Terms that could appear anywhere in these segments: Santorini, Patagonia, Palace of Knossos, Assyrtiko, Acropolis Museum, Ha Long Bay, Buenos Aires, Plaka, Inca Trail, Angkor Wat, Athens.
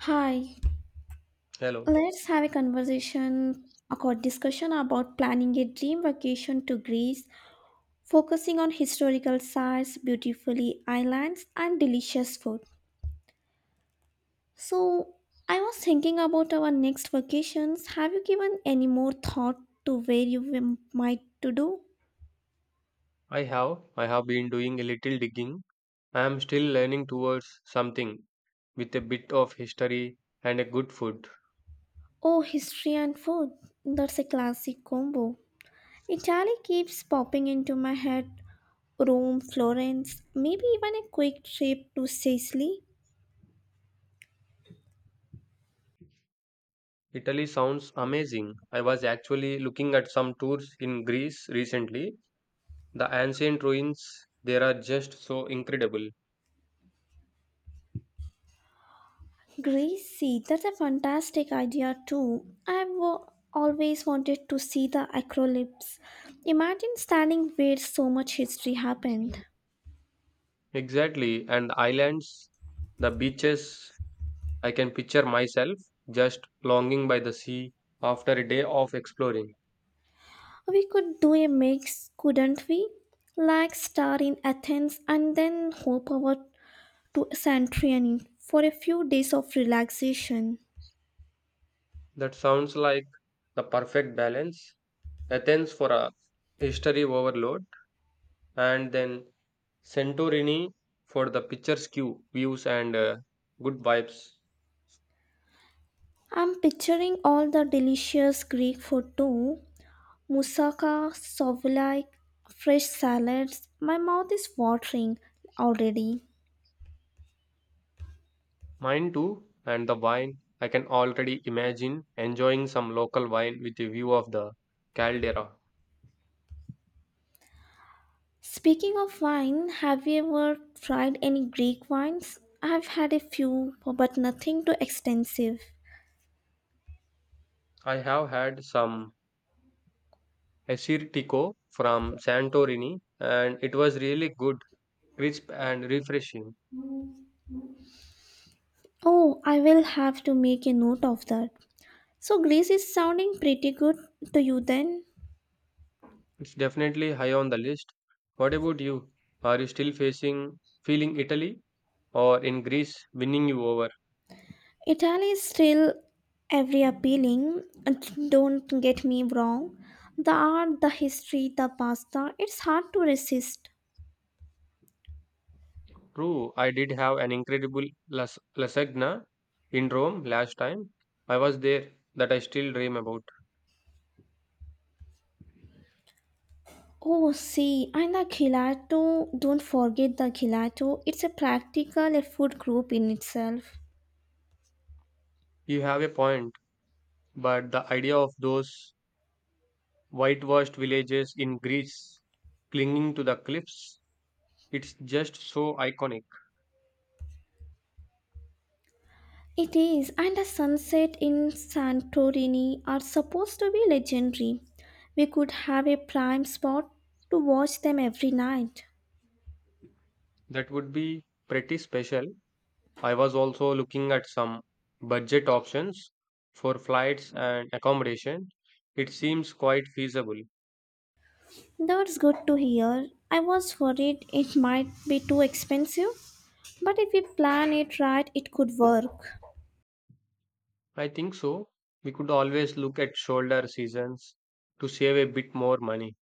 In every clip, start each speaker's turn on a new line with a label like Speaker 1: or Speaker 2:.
Speaker 1: Hi,
Speaker 2: Hello.
Speaker 1: let's have a conversation or discussion about planning a dream vacation to Greece, focusing on historical sites, beautifully islands, and delicious food. So, I was thinking about our next vacations. Have you given any more thought to where you might to do?
Speaker 2: I have I have been doing a little digging. I am still learning towards something with a bit of history and a good food.
Speaker 1: Oh, history and food. That's a classic combo. Italy keeps popping into my head. Rome, Florence, maybe even a quick trip to Sicily.
Speaker 2: Italy sounds amazing. I was actually looking at some tours in Greece recently. The ancient ruins there are just so incredible.
Speaker 1: Greece, see, that's a fantastic idea too. I've always wanted to see the acrolypse. Imagine standing where so much history happened.
Speaker 2: Exactly, and the islands, the beaches, I can picture myself just longing by the sea after a day of exploring.
Speaker 1: We could do a mix, couldn't we? Like star in Athens and then hop over to Santorini for a few days of relaxation.
Speaker 2: That sounds like the perfect balance Athens for a history overload, and then Santorini for the picturesque views and good vibes.
Speaker 1: I'm picturing all the delicious Greek food too. Moussaka, souvlaki, fresh salads. My mouth is watering already.
Speaker 2: Mine too, and the wine. I can already imagine enjoying some local wine with a view of the caldera.
Speaker 1: Speaking of wine, have you ever tried any Greek wines? I've had a few, but nothing too extensive.
Speaker 2: I have had some Assyrtiko from Santorini, and it was really good, crisp, and refreshing.
Speaker 1: Oh, I will have to make a note of that. So, Greece is sounding pretty good to you then?
Speaker 2: It's definitely high on the list. What about you? Are you still facing feeling Italy, or in Greece winning you over?
Speaker 1: Italy is still every appealing, and don't get me wrong. The art, the history, the pasta, it's hard to resist.
Speaker 2: True, I did have an incredible lasagna in Rome last time I was there that I still dream about.
Speaker 1: Oh, see, and the gelato, don't forget the gelato. It's a practical a food group in itself.
Speaker 2: You have a point, but the idea of those whitewashed villages in Greece clinging to the cliffs, it's just so iconic.
Speaker 1: It is, and the sunset in Santorini are supposed to be legendary. We could have a prime spot to watch them every night.
Speaker 2: That would be pretty special. I was also looking at some budget options for flights and accommodation. It seems quite feasible.
Speaker 1: That's good to hear. I was worried it might be too expensive, but if we plan it right, it could work.
Speaker 2: I think so. We could always look at shoulder seasons to save a bit more money.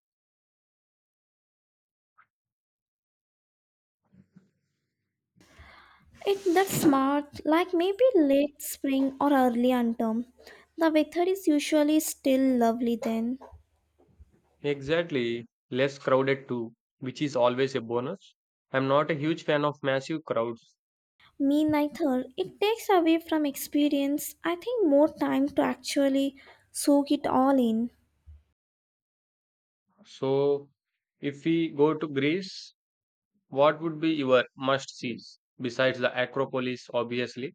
Speaker 1: It that's smart, like maybe late spring or early autumn. The weather is usually still lovely then.
Speaker 2: Exactly, less crowded too, which is always a bonus. I'm not a huge fan of massive crowds.
Speaker 1: Me neither. It takes away from experience, I think, more time to actually soak it all in.
Speaker 2: So, if we go to Greece, what would be your must sees besides the Acropolis, obviously?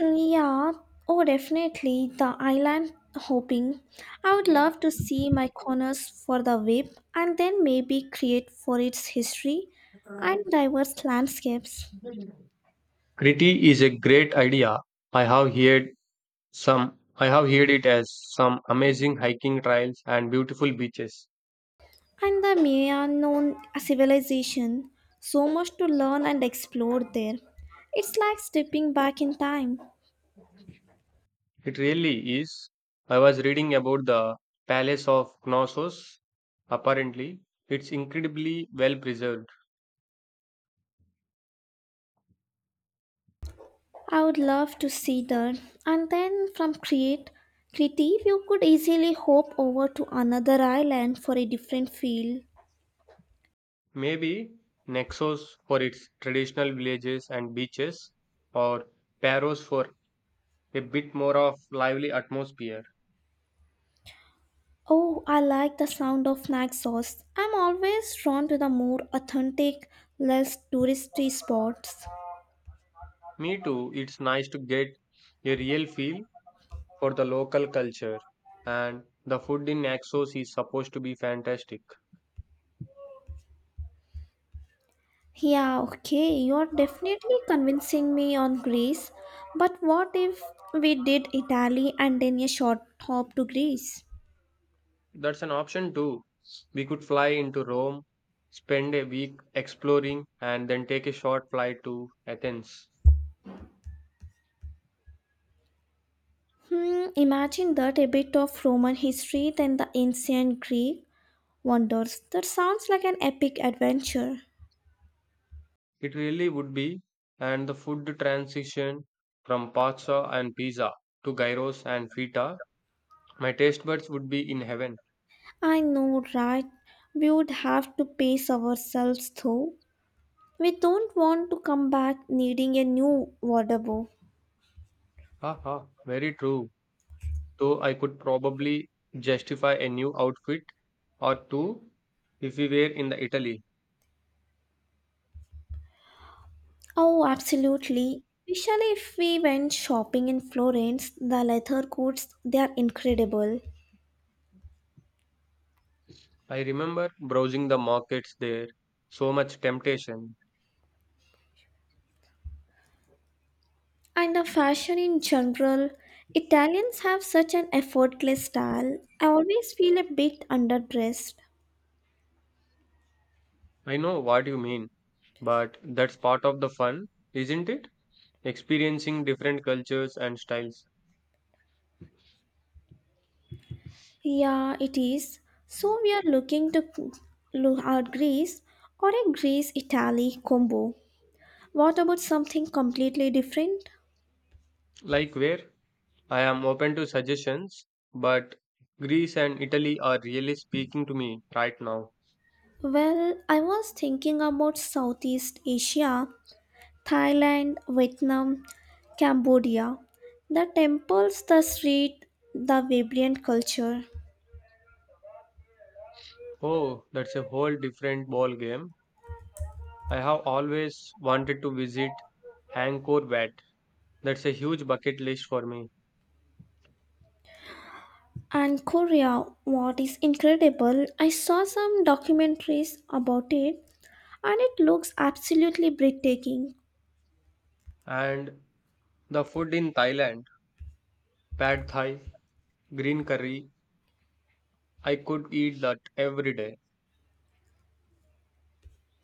Speaker 1: Yeah, oh, definitely. The island hopping. I would love to see my corners for the whip and then maybe create for its history and diverse landscapes.
Speaker 2: Crete is a great idea. I have heard it as some amazing hiking trails and beautiful beaches.
Speaker 1: And the Mayan civilization. So much to learn and explore there. It's like stepping back in time.
Speaker 2: It really is. I was reading about the Palace of Knossos. Apparently, it's incredibly well preserved.
Speaker 1: I would love to see that. And then from create creative you could easily hop over to another island for a different field.
Speaker 2: Maybe Naxos for its traditional villages and beaches, or Paros for a bit more of lively atmosphere.
Speaker 1: Oh, I like the sound of Naxos. I'm always drawn to the more authentic, less touristy spots.
Speaker 2: Me too, it's nice to get a real feel for the local culture, and the food in Naxos is supposed to be fantastic.
Speaker 1: Yeah, okay, you're definitely convincing me on Greece. But what if we did Italy and then a short hop to Greece?
Speaker 2: That's an option too. We could fly into Rome, spend a week exploring, and then take a short flight to Athens.
Speaker 1: Imagine that a bit of Roman history, then the ancient Greek, Wonders. That sounds like an epic adventure.
Speaker 2: It really would be, and the food transition from pasta and pizza to gyros and feta, my taste buds would be in heaven.
Speaker 1: I know, right? We would have to pace ourselves though. We don't want to come back needing a new wardrobe.
Speaker 2: Haha, very true. Though I could probably justify a new outfit or two if we were in the Italy.
Speaker 1: Oh, absolutely. Especially if we went shopping in Florence, the leather coats, they are incredible.
Speaker 2: I remember browsing the markets there, so much temptation.
Speaker 1: And the fashion in general, Italians have such an effortless style. I always feel a bit underdressed.
Speaker 2: I know what you mean. But that's part of the fun, isn't it? Experiencing different cultures and styles.
Speaker 1: Yeah, it is. So we are look at Greece or a Greece Italy combo. What about something completely different?
Speaker 2: Like where? I am open to suggestions, but Greece and Italy are really speaking to me right now.
Speaker 1: Well, I was thinking about Southeast Asia, Thailand, Vietnam, Cambodia. The temples, the street, the vibrant culture.
Speaker 2: Oh, that's a whole different ball game. I have always wanted to visit Angkor Wat. That's a huge bucket list for me.
Speaker 1: And Korea, what is incredible, I saw some documentaries about it and it looks absolutely breathtaking.
Speaker 2: And the food in Thailand, pad thai, green curry, I could eat that every day.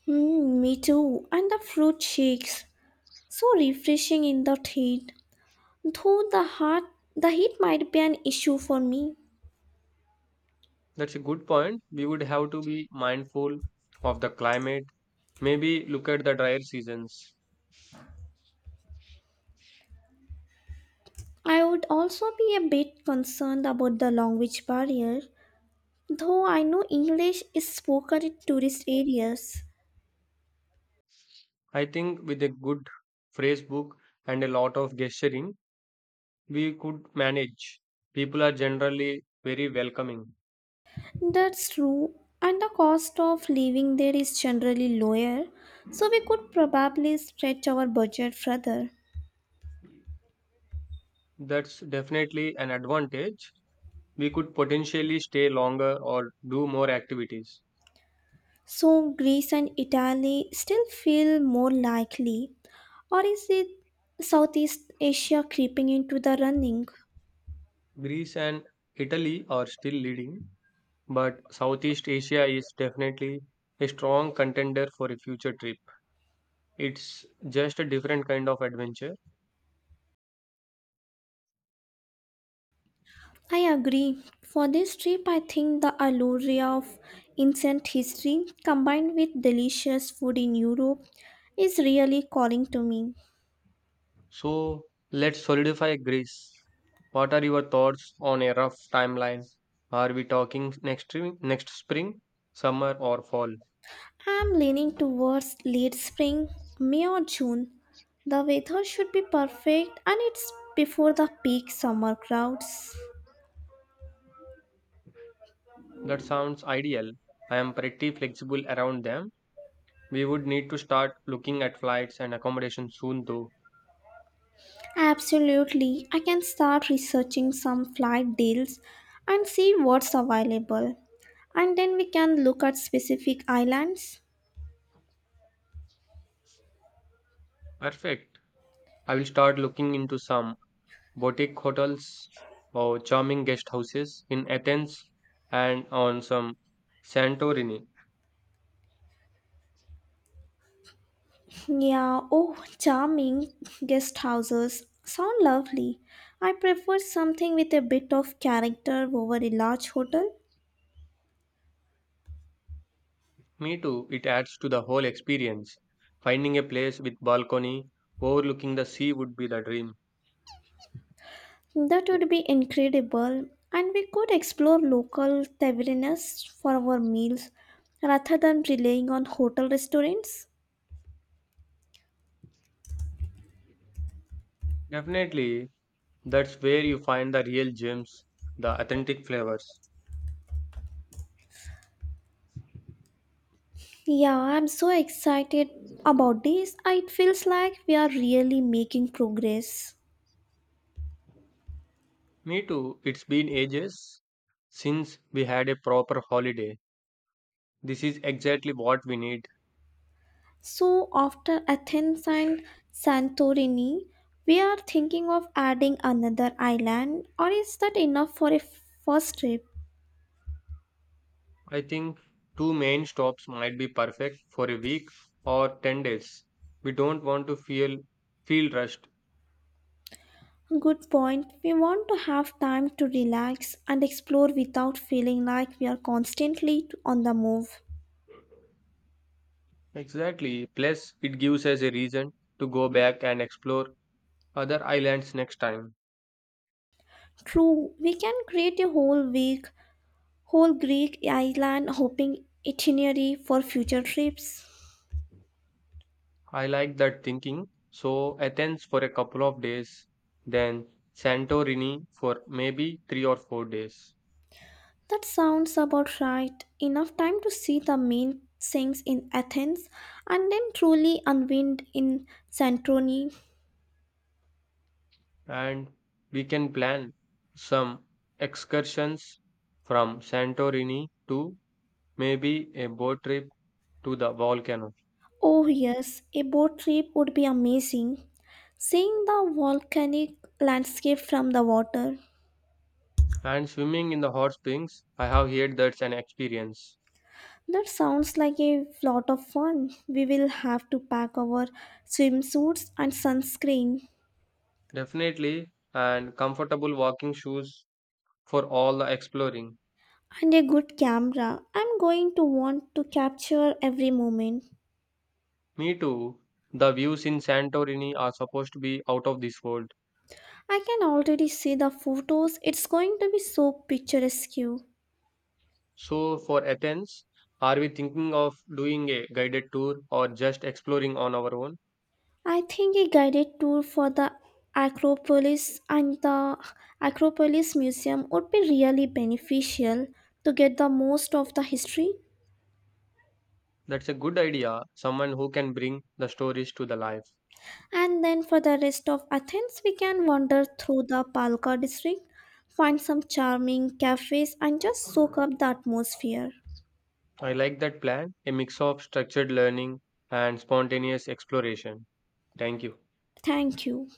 Speaker 1: Me too. And the fruit shakes. So refreshing in that heat. Though the heat might be an issue for me.
Speaker 2: That's a good point. We would have to be mindful of the climate. Maybe look at the drier seasons.
Speaker 1: I would also be a bit concerned about the language barrier, though I know English is spoken in tourist areas.
Speaker 2: I think with a good phrase book and a lot of gesturing, we could manage. People are generally very welcoming.
Speaker 1: That's true, and the cost of living there is generally lower, so we could probably stretch our budget further.
Speaker 2: That's definitely an advantage. We could potentially stay longer or do more activities.
Speaker 1: So Greece and Italy still feel more likely, or is it Southeast Asia creeping into the running?
Speaker 2: Greece and Italy are still leading, but Southeast Asia is definitely a strong contender for a future trip. It's just a different kind of adventure.
Speaker 1: I agree. For this trip, I think the allure of ancient history combined with delicious food in Europe is really calling to me.
Speaker 2: So let's solidify Greece. What are your thoughts on a rough timeline? Are we talking next next spring, summer, or fall?
Speaker 1: I'm leaning towards late spring, May or June. The weather should be perfect and it's before the peak summer crowds.
Speaker 2: That sounds ideal. I am pretty flexible around them. We would need to start looking at flights and accommodation soon, though.
Speaker 1: Absolutely. I can start researching some flight deals and see what's available. And then we can look at specific islands.
Speaker 2: Perfect. I will start looking into some boutique hotels or charming guest houses in Athens and on some Santorini.
Speaker 1: Yeah, oh, charming guest houses sound lovely. I prefer something with a bit of character over a large hotel.
Speaker 2: Me too, it adds to the whole experience. Finding a place with balcony overlooking the sea would be the dream.
Speaker 1: That would be incredible, and we could explore local tavernas for our meals rather than relying on hotel restaurants.
Speaker 2: Definitely, that's where you find the real gems, the authentic flavors.
Speaker 1: Yeah, I'm so excited about this. It feels like we are really making progress.
Speaker 2: Me too, it's been ages since we had a proper holiday. This is exactly what we need.
Speaker 1: So, after Athens and Santorini, we are thinking of adding another island, or is that enough for a first trip?
Speaker 2: I think two main stops might be perfect for a week or 10 days. We don't want to feel rushed.
Speaker 1: Good point. We want to have time to relax and explore without feeling like we are constantly on the move.
Speaker 2: Exactly. Plus, it gives us a reason to go back and explore other islands next time.
Speaker 1: True, we can create a whole whole Greek island hopping itinerary for future trips.
Speaker 2: I like that thinking. So, Athens for a couple of days, then Santorini for maybe three or four days.
Speaker 1: That sounds about right. Enough time to see the main things in Athens and then truly unwind in Santorini.
Speaker 2: And we can plan some excursions from Santorini to maybe a boat trip to the volcano.
Speaker 1: Oh, yes, a boat trip would be amazing. Seeing the volcanic landscape from the water.
Speaker 2: And swimming in the hot springs, I have heard that's an experience.
Speaker 1: That sounds like a lot of fun. We will have to pack our swimsuits and sunscreen
Speaker 2: Definitely, and comfortable walking shoes for all the exploring.
Speaker 1: and a good camera. I'm going to want to capture every moment.
Speaker 2: Me too. The views in Santorini are supposed to be out of this world.
Speaker 1: I can already see the photos. It's going to be so picturesque.
Speaker 2: So, for Athens, are we thinking of doing a guided tour or just exploring on our own?
Speaker 1: I think a guided tour for the Acropolis and the Acropolis Museum would be really beneficial to get the most of the history.
Speaker 2: That's a good idea. Someone who can bring the stories to the life.
Speaker 1: And then for the rest of Athens, we can wander through the Palka district, find some charming cafes, and just soak up the atmosphere.
Speaker 2: I like that plan, a mix of structured learning and spontaneous exploration. Thank you.
Speaker 1: Thank you.